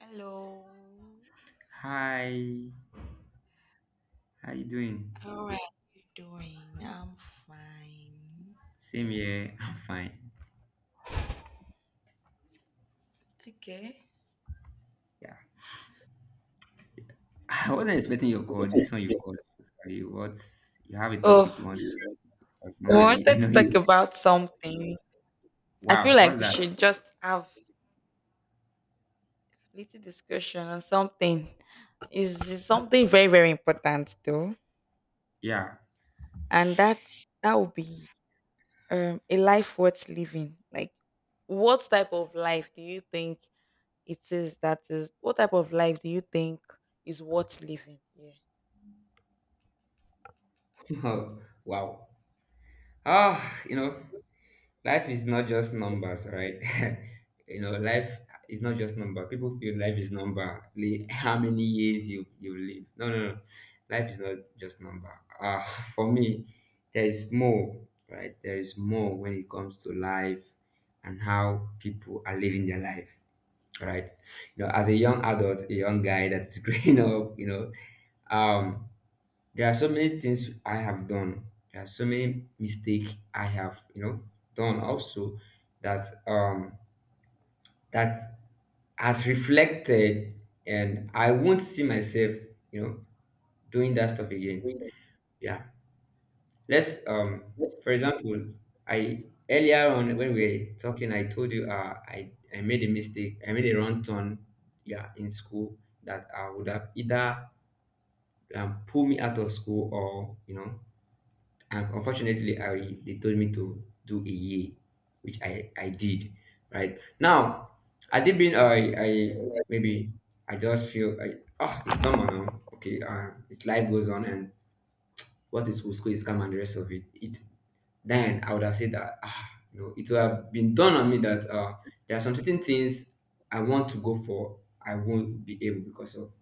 Hello. Hi, how you doing? How are you doing? I'm fine. Same here. I'm fine. Okay. Yeah, I wasn't expecting your call. This one you called, actually. What you have a topic you Oh, want to discuss? we Normally, I wanted to know talk you. about something. I feel Wow, like what's we that? should just have little discussion on something. Is something very very important though, Yeah. and that would be a life worth living. Like, what type of life do you think it is that is? What type of life do you think is worth living? Yeah. Wow. Ah, you know, life is not just numbers, right? You know, life is not just number. People feel life is number, how many years you live. No, no, no, life is not just number. uh for me, there is more. Right, there is more when it comes to life and how people are living their life, right? You know, as a young adult, a young guy that's growing up, um there are so many things I have done. There are so many mistakes I have, you know, done also that that has reflected, and I won't see myself, you know, doing that stuff again. Yeah. Let's For example, I earlier on when we were talking, I told you I made a mistake, I made a wrong turn, yeah, in school, that I would have either pulled me out of school, or you know. And unfortunately, I they told me to do a year, which I did. Right now, I maybe I just feel I, oh, it's normal now. Okay, it's life goes on, and what is school is come and the rest of it. It's then I would have said that, ah, you know, it would have been done on me that there are some certain things I want to go for, I won't be able because of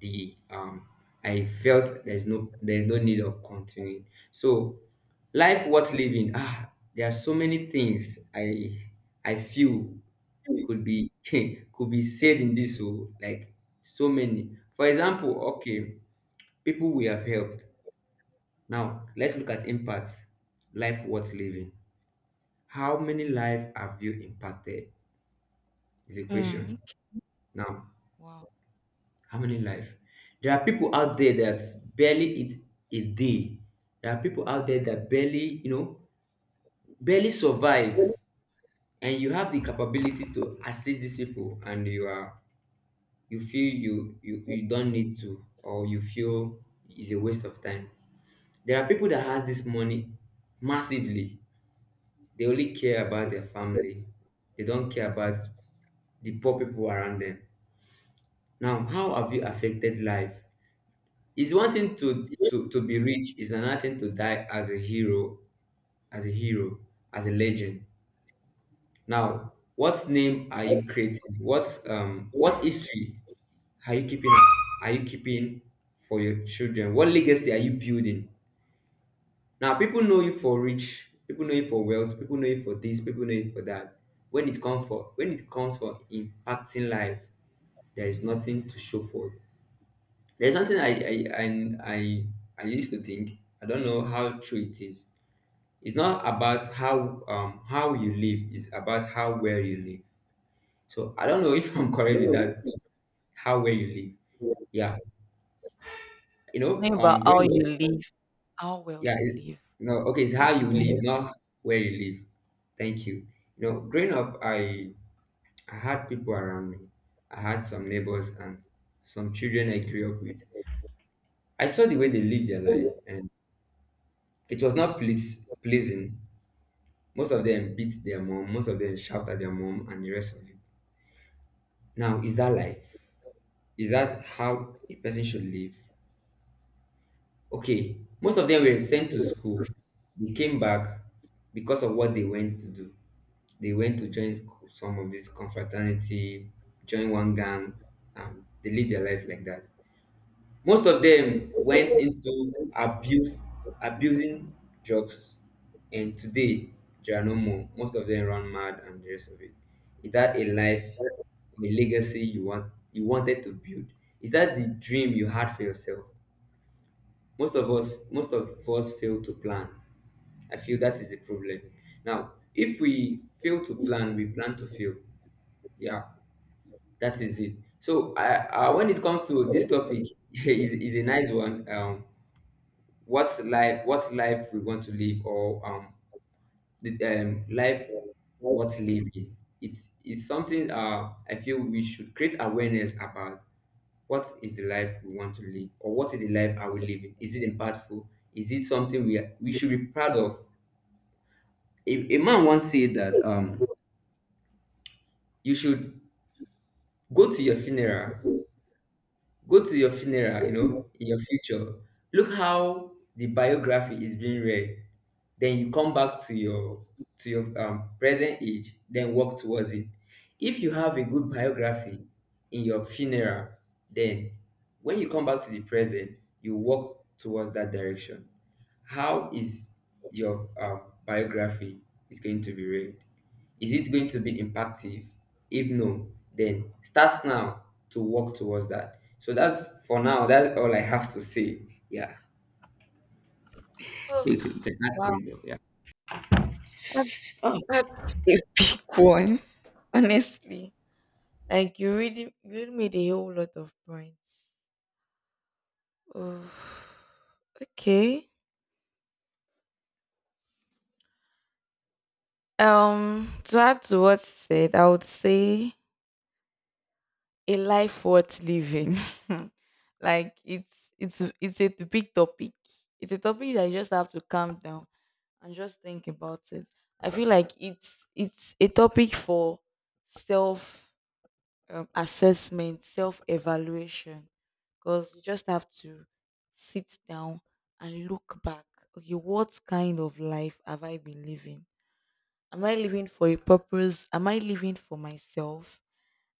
the I felt there's no need of continuing. So, life worth living. Ah, there are so many things I feel could be could be said in this, oh, like so many. For example, okay, people we have helped. Now let's look at impact. Life worth living. How many life have you impacted? Is a Mm. question. Now, harmony in life. There are people out there that barely eat a day. There are people out there that barely, you know, barely survive. And you have the capability to assist these people, and you feel you don't need to, or you feel it's a waste of time. There are people that has this money massively. They only care about their family. They don't care about the poor people around them. Now, how have you affected life? It's one thing to be rich. It's another thing to die as a hero, as a hero, as a legend. Now, what name are you creating? What history are you keeping? Are you keeping for your children? What legacy are you building? Now, people know you for rich. People know you for wealth. People know you for this. People know you for that. When it comes for impacting life, there is nothing to show for it. There's something I I used to think. I don't know how true it is. It's not about how you live. It's about how well you live. So I don't know if I'm correct with that. How well you live. Yeah. You It's know, not about how growing you up. live, how well Yeah. you live. No. Okay. It's how That's a you nice. live, not where you live. Thank you. You know, growing up, I had people around me. I had some neighbors and some children I grew up with. I saw the way they lived their life, and it was not pleasing. Most of them beat their mom, most of them shout at their mom, and the rest of it. Now, is that life? Is that how a person should live? Okay, most of them were sent to school. They came back because of what they went to do. They went to join some of this confraternity, join one gang, and they live their life like that. Most of them went into abuse, abusing drugs, and today there are no more. Most of them run mad and the rest of it. Is that a life, a legacy you wanted to build? Is that the dream you had for yourself? Most of us fail to plan. I feel that is the problem. Now, if we fail to plan, we plan to fail. Yeah, that is it. So, when it comes to this topic, is a nice one. What's life we want to live, or the life, what living, it's something I feel we should create awareness about. What is the life we want to live, or what is the life are we living? Is it impactful? Is it something we should be proud of? A man once said that you should go to your funeral. Go to your funeral, you know, in your future. Look how the biography is being read. Then you come back to your present age, then work towards it. If you have a good biography in your funeral, then when you come back to the present, you work towards that direction. How is your biography is going to be read? Is it going to be impactive? If no, then start now to work towards that. So that's for now. That's all I have to say. Yeah. Oh, You can, add to wow. it though. Yeah. That, that's a big one. Honestly. Like you really made a whole lot of points. Oh, okay. To add to what you said, I would say a life worth living. Like it's a big topic. It's a topic that you just have to calm down and just think about it. I feel like it's a topic for self assessment, self evaluation, because you just have to sit down and look back. Okay, what kind of life have I been living? Am I living for a purpose? Am I living for myself?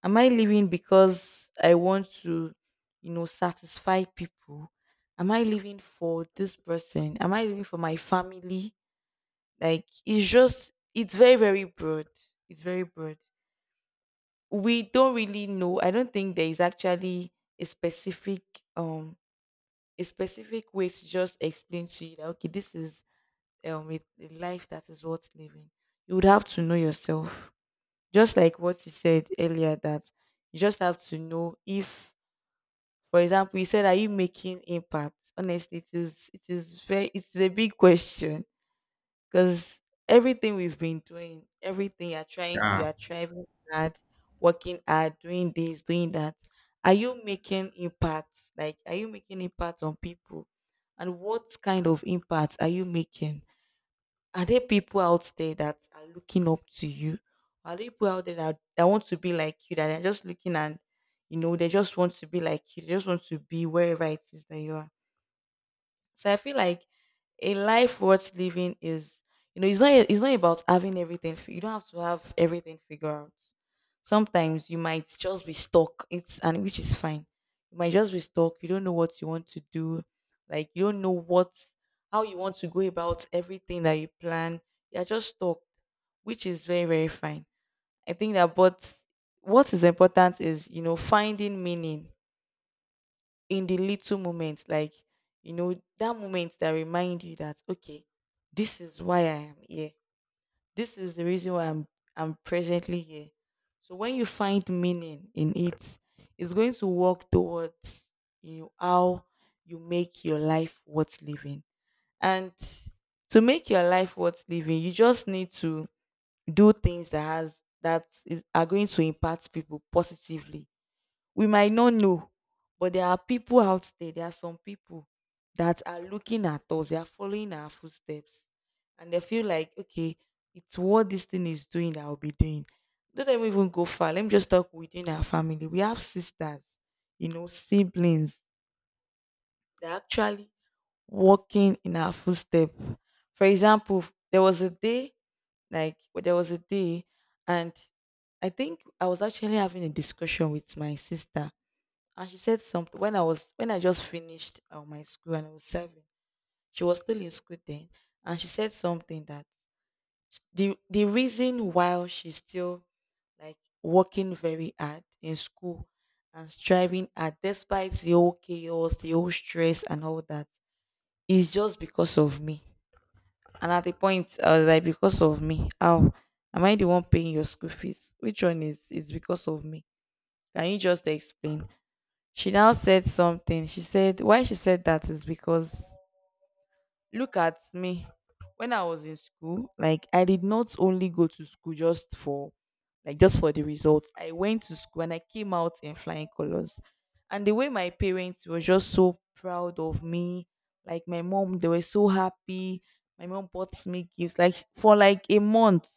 Am I living because I want to, you know, satisfy people? Am I living for this person? Am I living for my family? Like it's very, very broad. It's very broad. We don't really know. I don't think there is actually a specific um a specific way to just explain to you that okay, this is a life that is worth living. You would have to know yourself. Just like what you said earlier that you just have to know if, for example, you said, "Are you making impact?" Honestly, it is. It is very. It is a big question because everything we've been doing, everything Yeah. you're trying hard, working hard, doing this, doing that. Are you making impact? Like, are you making impact on people? And what kind of impact are you making? Are there people out there that are looking up to you? Are there people out there that, that want to be like you, that are just looking and, you know, they just want to be like you, they just want to be wherever it is that you are? So I feel like a life worth living is, you know, it's not about having everything. You don't have to have everything figured out. Sometimes you might just be stuck. It's and which is fine. You might just be stuck. You don't know what you want to do. Like you don't know what how you want to go about everything that you plan. You're just stuck, which is very very fine. I think that, but what is important is, you know, finding meaning in the little moments, like you know, that moment that remind you that okay, this is why I am here. This is the reason why I'm presently here. So when you find meaning in it, it's going to work towards you know how you make your life worth living. And to make your life worth living, you just need to do things that has that is, are going to impact people positively. We might not know, but there are people out there, there are some people that are looking at us, they are following our footsteps, and they feel like okay, it's what this thing is doing that I'll be doing. Don't let me even go far, let me just talk within our family. We have sisters, you know, siblings. They're actually walking in our footstep. For example, there was a day, like, well, there was a day, and I think I was actually having a discussion with my sister, and she said something. When I was when I just finished my school and I was serving. She was still in school then, and she said something that the reason why she's still, like, working very hard in school and striving hard despite the whole chaos, the whole stress, and all that is just because of me. And at the point, I was like, because of me, how? Am I the one paying your school fees? Which one is because of me? Can you just explain? She now said something. She said, why she said that is because, look at me. When I was in school, like I did not only go to school just for, like just for the results. I went to school and I came out in flying colors. And the way my parents were just so proud of me, like my mom, they were so happy. My mom bought me gifts like for like a month.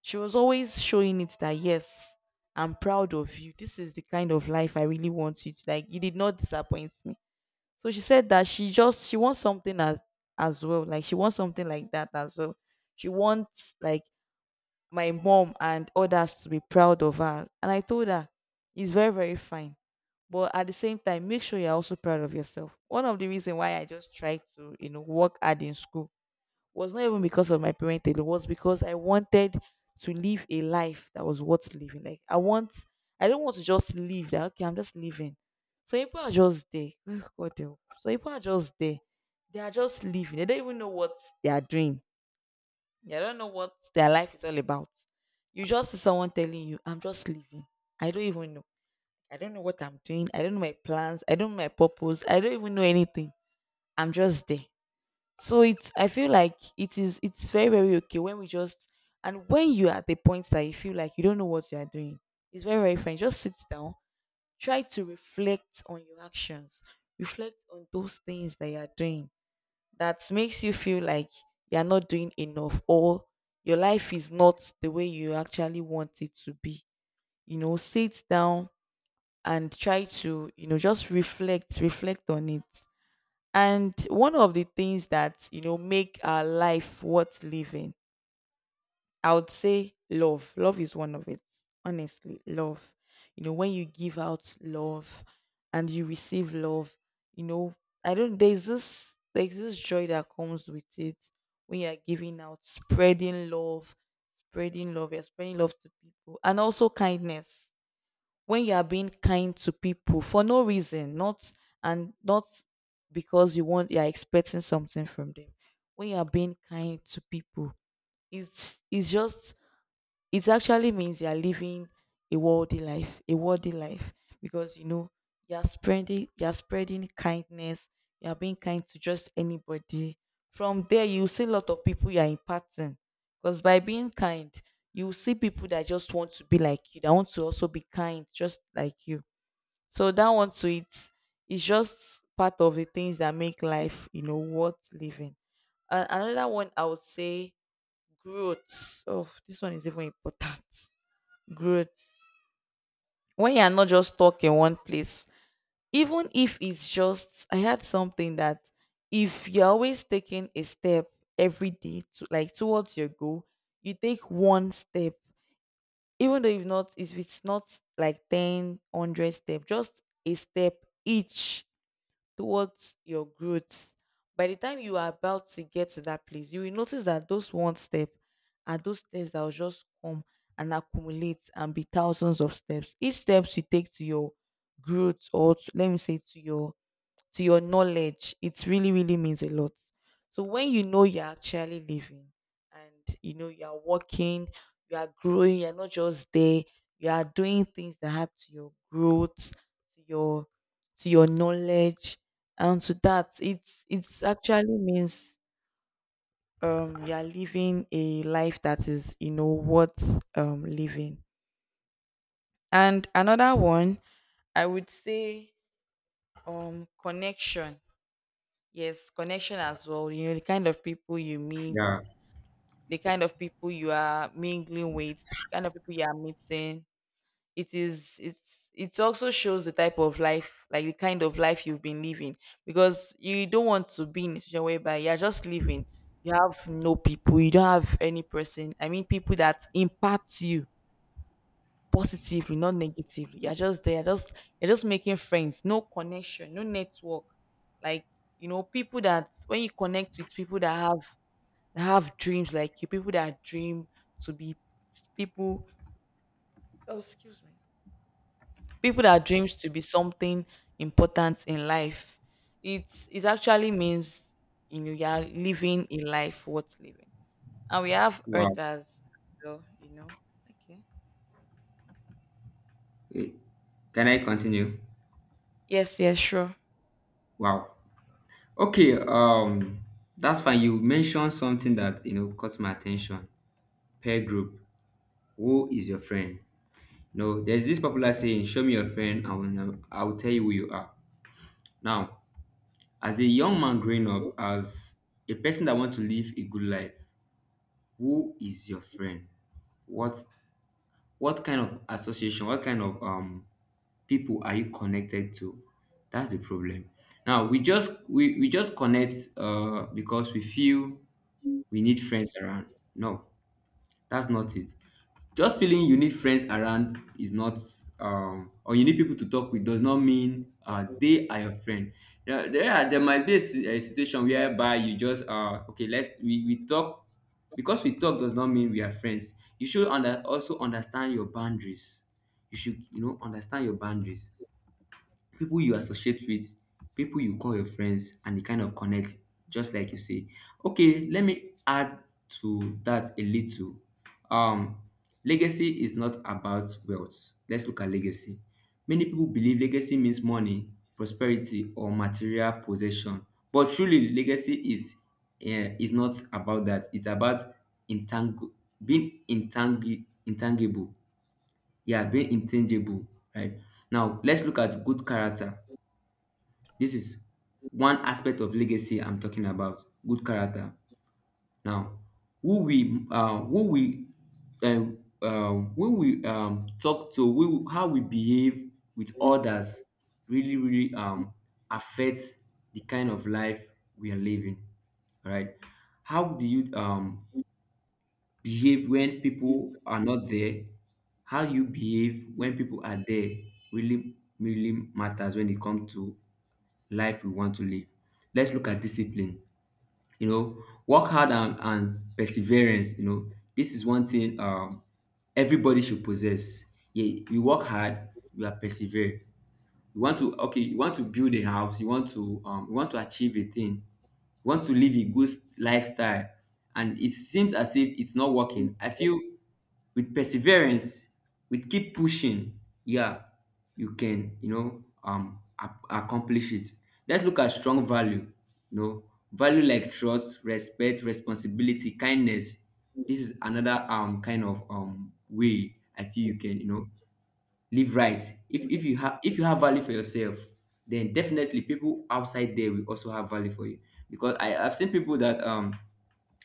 She was always showing it that yes, I'm proud of you. This is the kind of life I really want you to like. You did not disappoint me. So she said that she wants something as well. Like she wants something like that as well. She wants like my mom and others to be proud of her. And I told her it's very, very fine. But at the same time, make sure you're also proud of yourself. One of the reasons why I just try to, you know, work hard in school was not even because of my parents. It was because I wanted to live a life that was worth living. Like I want, I don't want to just live that okay, I'm just living. So people are just there. Oh, God help. So people are just there. They are just living. They don't even know what they are doing. They don't know what their life is all about. You just see someone telling you, I'm just living. I don't even know. I don't know what I'm doing. I don't know my plans. I don't know my purpose. I don't even know anything. I'm just there. So it's I feel like it's very very okay when we just, and when you're at the point that you feel like you don't know what you are doing, it's very very fine. Just sit down, try to reflect on your actions, reflect on those things that you are doing that makes you feel like you are not doing enough or your life is not the way you actually want it to be. You know, sit down and try to, you know, just reflect on it. And one of the things that, you know, make our life worth living, I would say love. Love is one of it. Honestly, love. You know, when you give out love and you receive love, you know, I don't there's this joy that comes with it when you're giving out, you're spreading love to people. And also kindness when you are being kind to people for no reason, not and not because you are expecting something from them. When you are being kind to people, it's just it actually means you're living a worldly life, because you know you're spreading kindness, you're being kind to just anybody. From there, you see a lot of people you're impacting, because by being kind, you will see people that just want to be like you, that want to also be kind, just like you. So that one to, it's just part of the things that make life, you know, worth living. Another one I would say growth. Oh, this one is even important. Growth, when you are not just stuck in one place, even if it's just, I had something that if you're always taking a step every day to like towards your goal, you take one step, even though if not if it's not like 10 100 step, just a step each towards your growth. By the time you are about to get to that place, you will notice that those one step are those steps that will just come and accumulate and be thousands of steps. Each steps you take to your growth or to, let me say to your, to your knowledge, it really, really means a lot. So when you know you're actually living and you know you are working, you are growing, you're not just there, you are doing things that add to your growth, to your, to your knowledge, and to that, it's actually means you are living a life that is, you know, worth living. And another one, I would say connection. Yes, connection as well. You know, the kind of people you meet, Yeah. the kind of people you are mingling with, the kind of people you are meeting. It is, it's, it also shows the type of life, like the kind of life you've been living. Because you don't want to be in a situation whereby you're just living. You have no people, you don't have any person. I mean people that impact you positively, not negatively. You're just there, just you're just making friends, no connection, no network. Like, people that when you connect with people that have dreams like you, people that dream to be people oh excuse me. People that dreams to be something important in life. It actually means you are living a life worth living. And we have Wow. others, so, Okay. Eh, can I continue? Yes, yes, sure. Wow. Okay. That's fine. You mentioned something that you know caught my attention. Peer group. Who is your friend? No, there's this popular saying, "Show me your friend, I will know, I will tell you who you are." Now, as a young man growing up, as a person that wants to live a good life, who is your friend? What what kind of association, what kind of people are you connected to? That's the problem. Now we just connect because we feel we need friends around. No, that's not it. Just feeling you need friends around is not or you need people to talk with does not mean they are your friend. There might be a a situation whereby you just okay, let's we talk. Because we talk does not mean we are friends. You should also understand your boundaries. You should you know, understand your boundaries. People you associate with, people you call your friends, and the kind of connect, just like you say. Okay, let me add to that a little. Um, legacy is not about wealth. Let's look at legacy. Many people believe legacy means money, prosperity, or material possession, but truly, legacy is not about that. It's about intangible, being intangible. Yeah, being intangible, right? Now, let's look at good character. This is one aspect of legacy I'm talking about. Good character. Now, who we uh, who we who we talk to, who, how we behave with others, really really affects the kind of life we are living. All right. How do you behave when people are not there? How you behave when people are there really really matters when it comes to life we want to live. Let's look at discipline. You know, work hard and perseverance. You know, this is one thing everybody should possess. Yeah, you work hard, you are persevere. You want to okay, you want to build a house, you want to achieve a thing, you want to live a good lifestyle, and it seems as if it's not working. I feel with perseverance, with keep pushing, yeah, you can, you know, accomplish it. Let's look at strong value. You know, value like trust, respect, responsibility, kindness. This is another kind of way I feel you can, you know, live right. If you have value for yourself, then definitely people outside there will also have value for you. Because I have seen people that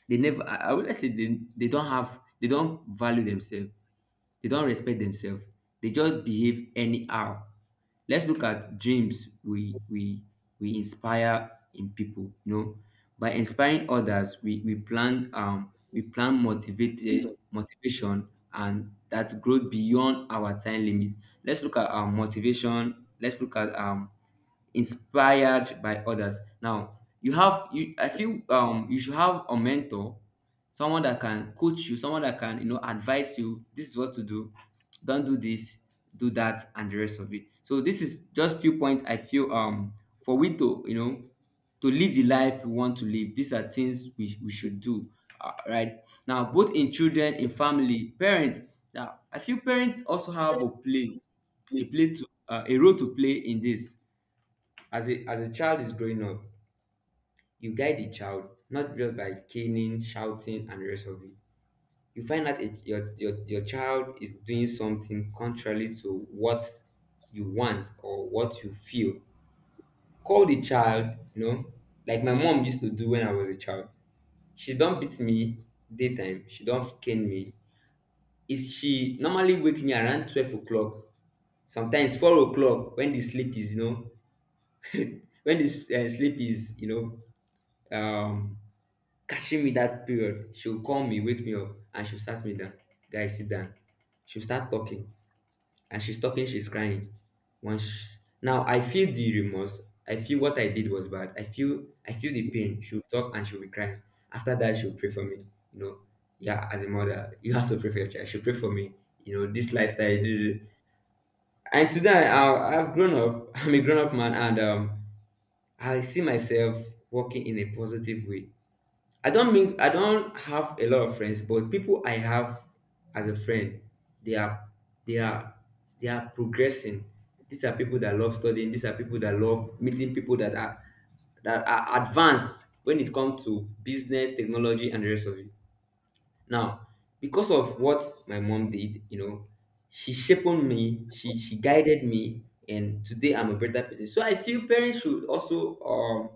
they never I would say they don't have they don't value themselves. They don't respect themselves. They just behave anyhow. Let's look at dreams. We inspire in people, you know, by inspiring others. We plan, we plan motivated motivation and that growth beyond our time limit. Let's look at motivation. Let's look at inspired by others. Now you have you I feel you should have a mentor, someone that can coach you, someone that can you know advise you. This is what to do. Don't do this, do that, and the rest of it. So this is just few points I feel for we to you know to live the life we want to live. These are things we should do. Right now, both in children, in family, parents. Now, I feel parents also have a play to a role to play in this. As a child is growing up, you guide the child not just by caning, shouting, and the rest of it. You find that it, your child is doing something contrary to what you want or what you feel. Call the child, you know, like my mom used to do when I was a child. She don't beat me daytime. She don't cane me. If she normally wake me around 12 o'clock, sometimes 4 o'clock when the sleep is you know when the s- sleep is know um catching me that period, she'll call me, wake me up, and she'll start me down. Guy, sit down. She'll start talking, and she's talking, she's crying. Once she, now I feel the remorse. I feel what I did was bad. I feel the pain. She'll talk and she'll be crying. After that, she'll pray for me. You know, yeah, as a mother, you have to pray for your child. She'll pray for me. You know, this lifestyle. Duh, duh, duh. And today, I've grown up. I'm a grown up man, and I see myself working in a positive way. I don't mean I don't have a lot of friends, but people I have as a friend, they are they are they are progressing. These are people that love studying. These are people that love meeting people that are advanced when it comes to business, technology, and the rest of it. Now, because of what my mom did, you know, she shaped me, she guided me, and today I'm a better person. So I feel parents should also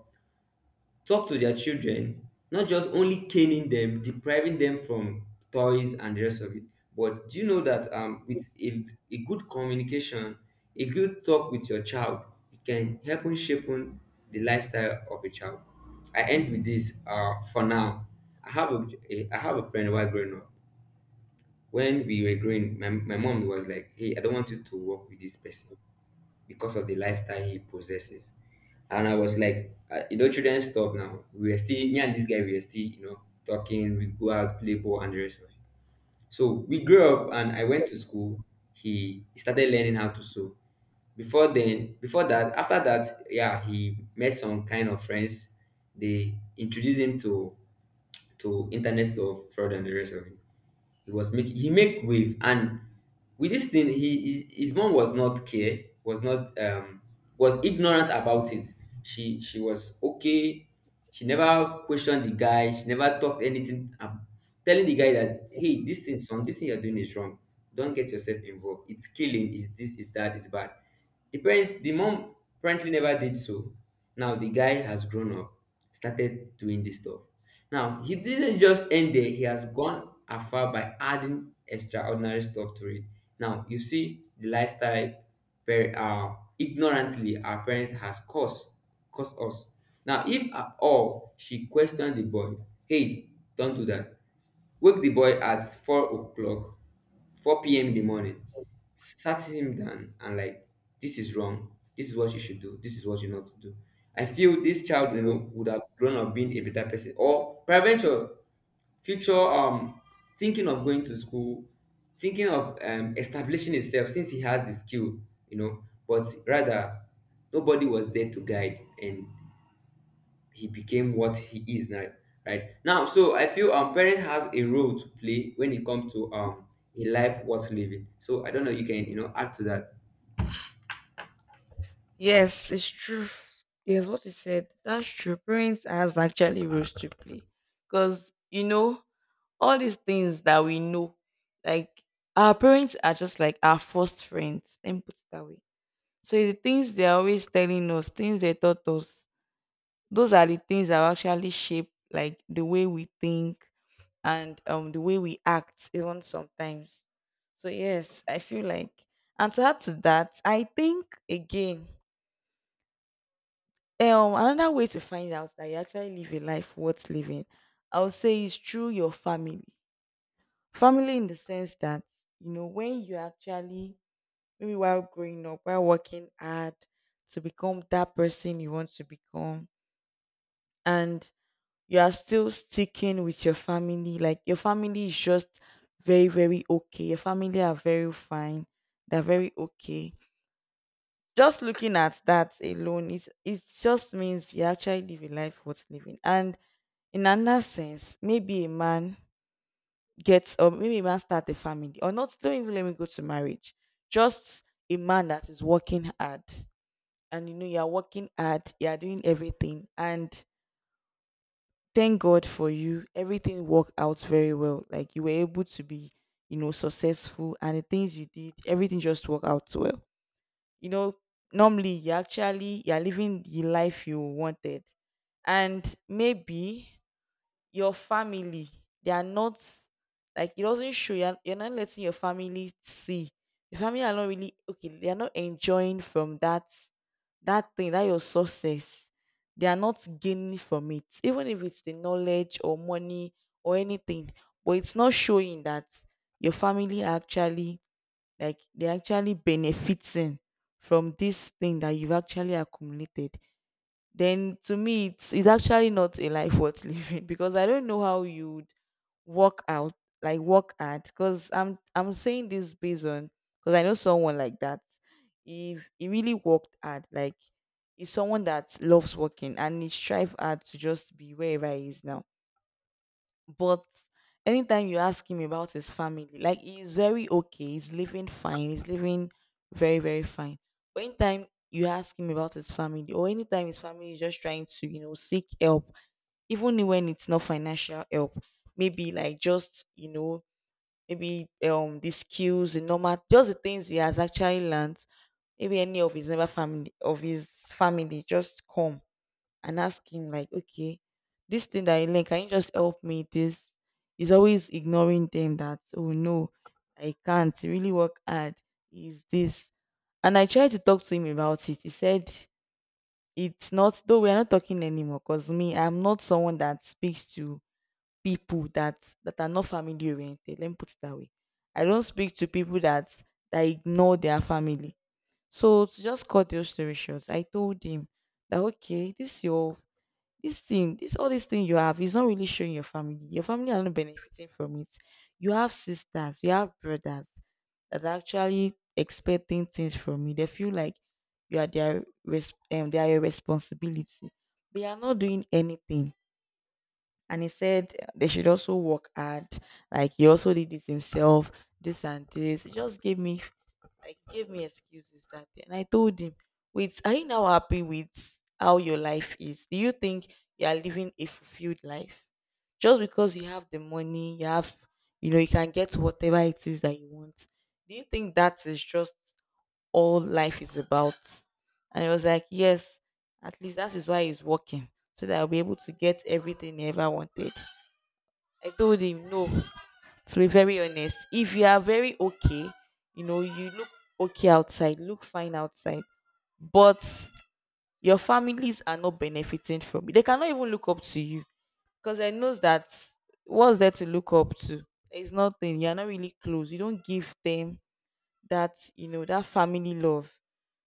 talk to their children, not just only caning them, depriving them from toys and the rest of it. But do you know that with a good communication, a good talk with your child, you can help in shaping the lifestyle of a child. I end with this for now. I have a I have a friend while growing up. When we were growing, my mom was like, hey, I don't want you to work with this person because of the lifestyle he possesses. And I was like, you know, children stuff now. We were still, me and this guy, we were still, you know, talking, we go out, play ball, and the rest of it. So we grew up, and I went to school. He started learning how to sew. Before then, before that, after that, yeah, he met some kind of friends. They introduced him to internet stuff, fraud, and the rest of it. He was making. He make waves, and with this thing, he his mom was not care, was not was ignorant about it. She was okay. She never questioned the guy. She never talked anything. Telling the guy that, hey, this thing, son, this thing you're doing is wrong. Don't get yourself involved. It's killing. Is this? Is that? Is bad. The parents, the mom apparently never did so. Now the guy has grown up, started doing this stuff. Now he didn't just end there; he has gone afar by adding extraordinary stuff to it. Now you see the lifestyle, ignorantly our parents has caused caused us. Now if at all she questioned the boy, hey, don't do that. Wake the boy at 4 o'clock, 4 p.m. in the morning, sat him down and like, this is wrong. This is what you should do. This is what you not to do. I feel this child, you know, would have grown up being a better person. Or peradventure, future thinking of going to school, thinking of establishing himself since he has the skill, you know, but rather nobody was there to guide, and he became what he is now right now. So I feel parent has a role to play when it comes to a life worth living. So I don't know, you can, you know, add to that. Yes, it's true. Yes, what you said, that's true. Parents has actually roles to play. Because, all these things that we know, like our parents are just like our first friends. Let me put it that way. So the things they're always telling us, things they taught us, those are the things that will actually shape like the way we think and the way we act even sometimes. So yes, I feel like and to add to that, I think again. Another way to find out that you actually live a life worth living, I would say, is through your family. Family, in the sense that when you actually maybe while growing up, while working hard to become that person you want to become, and you are still sticking with your family, like your family is just very, very okay. Your family are very fine. They're very okay. Just looking at that alone, it just means you actually live a life worth living. And in another sense, maybe a man gets or maybe a man start a family or not, don't even let me go to marriage. Just a man that is working hard. And you know you are working hard, you are doing everything. And thank God for you. Everything worked out very well. Like you were able to be, successful and the things you did, everything just worked out well. You know, normally you actually you're living the life you wanted, and maybe your family they are not, like it doesn't show, you're not letting your family see, your family are not really okay, they are not enjoying from that, that thing that your success, they are not gaining from it, even if it's the knowledge or money or anything, but it's not showing that your family are actually, like they're actually benefiting from this thing that you've actually accumulated. Then to me, it's actually not a life worth living because I don't know how you'd work out, like work at, because I'm saying this based on, because I know someone like that. If he really worked hard, like he's someone that loves working and he strive hard to just be wherever he is now, but anytime you ask him about his family, like he's very okay, he's living fine, he's living very, very fine. But anytime you ask him about his family, or anytime his family is just trying to, seek help, even when it's not financial help, maybe like just, maybe the skills, the normal just the things he has actually learned, maybe any of his member family of his family just come and ask him like, okay, this thing that I learned, can you just help me with this? He's always ignoring them that, oh no, I can't really work hard. Is this? And I tried to talk to him about it. He said it's not though we're not talking anymore because me, I'm not someone that speaks to people that that are not family oriented. Let me put it that way. I don't speak to people that that ignore their family. So to just cut those story short, I told him that okay, this your this thing, this all this thing you have is not really showing your family. Your family are not benefiting from it. You have sisters, you have brothers that are actually expecting things from you. They feel like you are their they are your responsibility. They are not doing anything, and he said they should also work hard. Like he also did it himself, this and this. He just gave me like gave me excuses that day. And I told him, wait, are you now happy with how your life is? Do you think you are living a fulfilled life? Just because you have the money, you have you can get whatever it is that you want. Do you think that is just all life is about? And it was like, yes, at least that is why he's working. So that I'll be able to get everything he ever wanted. I told him no. To be very honest, if you are very okay, you look okay outside, look fine outside, but your families are not benefiting from it. They cannot even look up to you because I knows that what's there to look up to. There's nothing. You're not really close. You don't give them that that family love.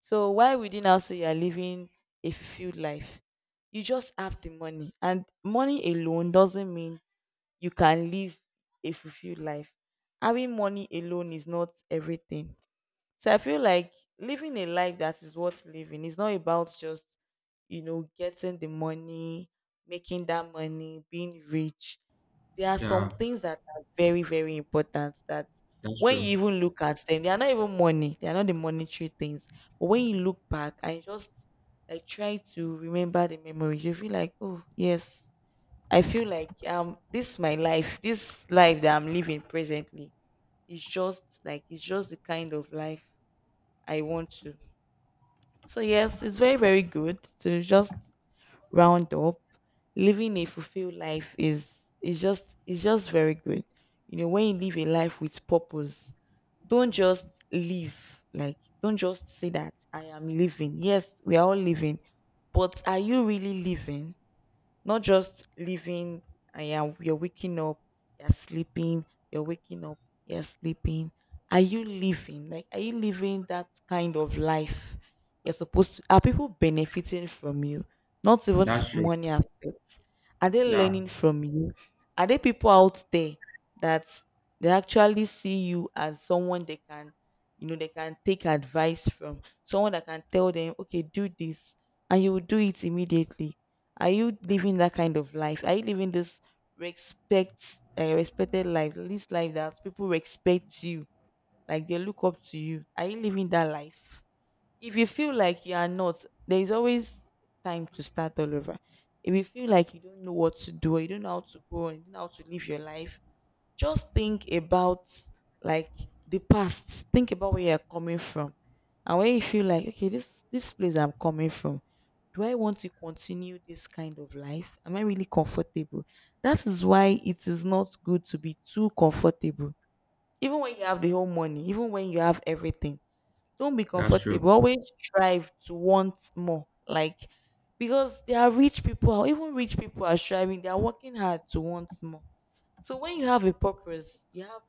So why would you now say you're living a fulfilled life? You just have the money, and money alone doesn't mean you can live a fulfilled life. Having money alone is not everything. So I feel like living a life that is worth living is not about just getting the money, making that money, being rich. There are some Yeah, things that are very, very important that that's when you true. even look at them, they are not even money. They are not the monetary things. But when you look back and just like try to remember the memories, you feel like, oh yes, I feel like this is my life. This life that I'm living presently is just like it's just the kind of life I want to. So yes, it's very, very good to just round up, living a fulfilled life is just very good. You know, when you live a life with purpose, don't just live like don't just say that I am living. Yes, we are all living, but are you really living? Not just living and you're waking up, you're sleeping, you're waking up, you're sleeping. Are you living? Like, are you living that kind of life you're supposed to? Are people benefiting from you? Not even That's true. money aspect. Are they Yeah, learning from you? Are there people out there that they actually see you as someone they can, they can take advice from, someone that can tell them, okay, do this, and you will do it immediately? Are you living that kind of life? Are you living this respected life, this life that people respect you, like they look up to you? Are you living that life? If you feel like you are not, there is always time to start all over. If you feel like you don't know what to do, or you don't know how to go, and you don't know how to live your life, just think about like the past. Think about where you're coming from, and when you feel like okay, this place I'm coming from, do I want to continue this kind of life? Am I really comfortable? That is why it is not good to be too comfortable. Even when you have the whole money, even when you have everything, don't be that's true. comfortable. Always strive to want more. Like because there are rich people, or even rich people are striving, they are working hard to want more. So when you have a purpose, you have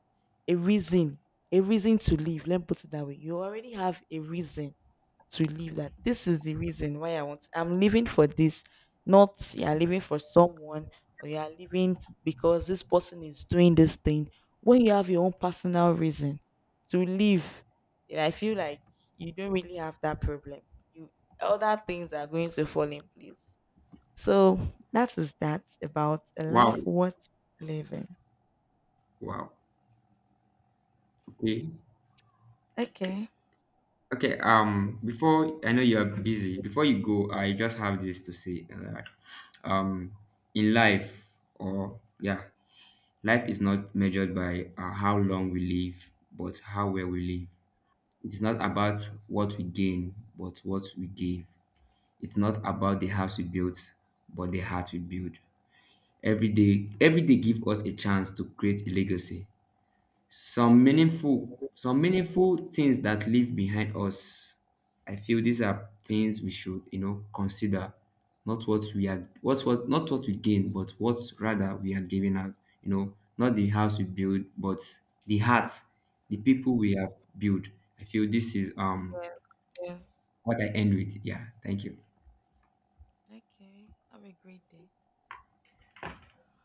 a reason, a reason to live. Let me put it that way. You already have a reason to live that this is the reason why I want I'm living for this, not you are living for someone or you are living because this person is doing this thing. When you have your own personal reason to live, yeah, I feel like you don't really have that problem. You other things are going to fall in place. So that is that about a Wow. life worth living. Wow. Okay. Okay. Okay. Before I know you're busy, before you go, I just have this to say. Um, in life, or yeah, life is not measured by how long we live, but how well we live. It's not about what we gain, but what we give. It's not about the house we built, but the heart we build. Every day give us a chance to create a legacy. Some meaningful things that live behind us. I feel these are things we should, you know, consider. Not what we are, not what we gain, but what rather we are giving out. You know, not the house we build, but the heart, the people we have built. I feel this is Yes, yes. what I end with. Yeah, thank you. Okay. Have a great day.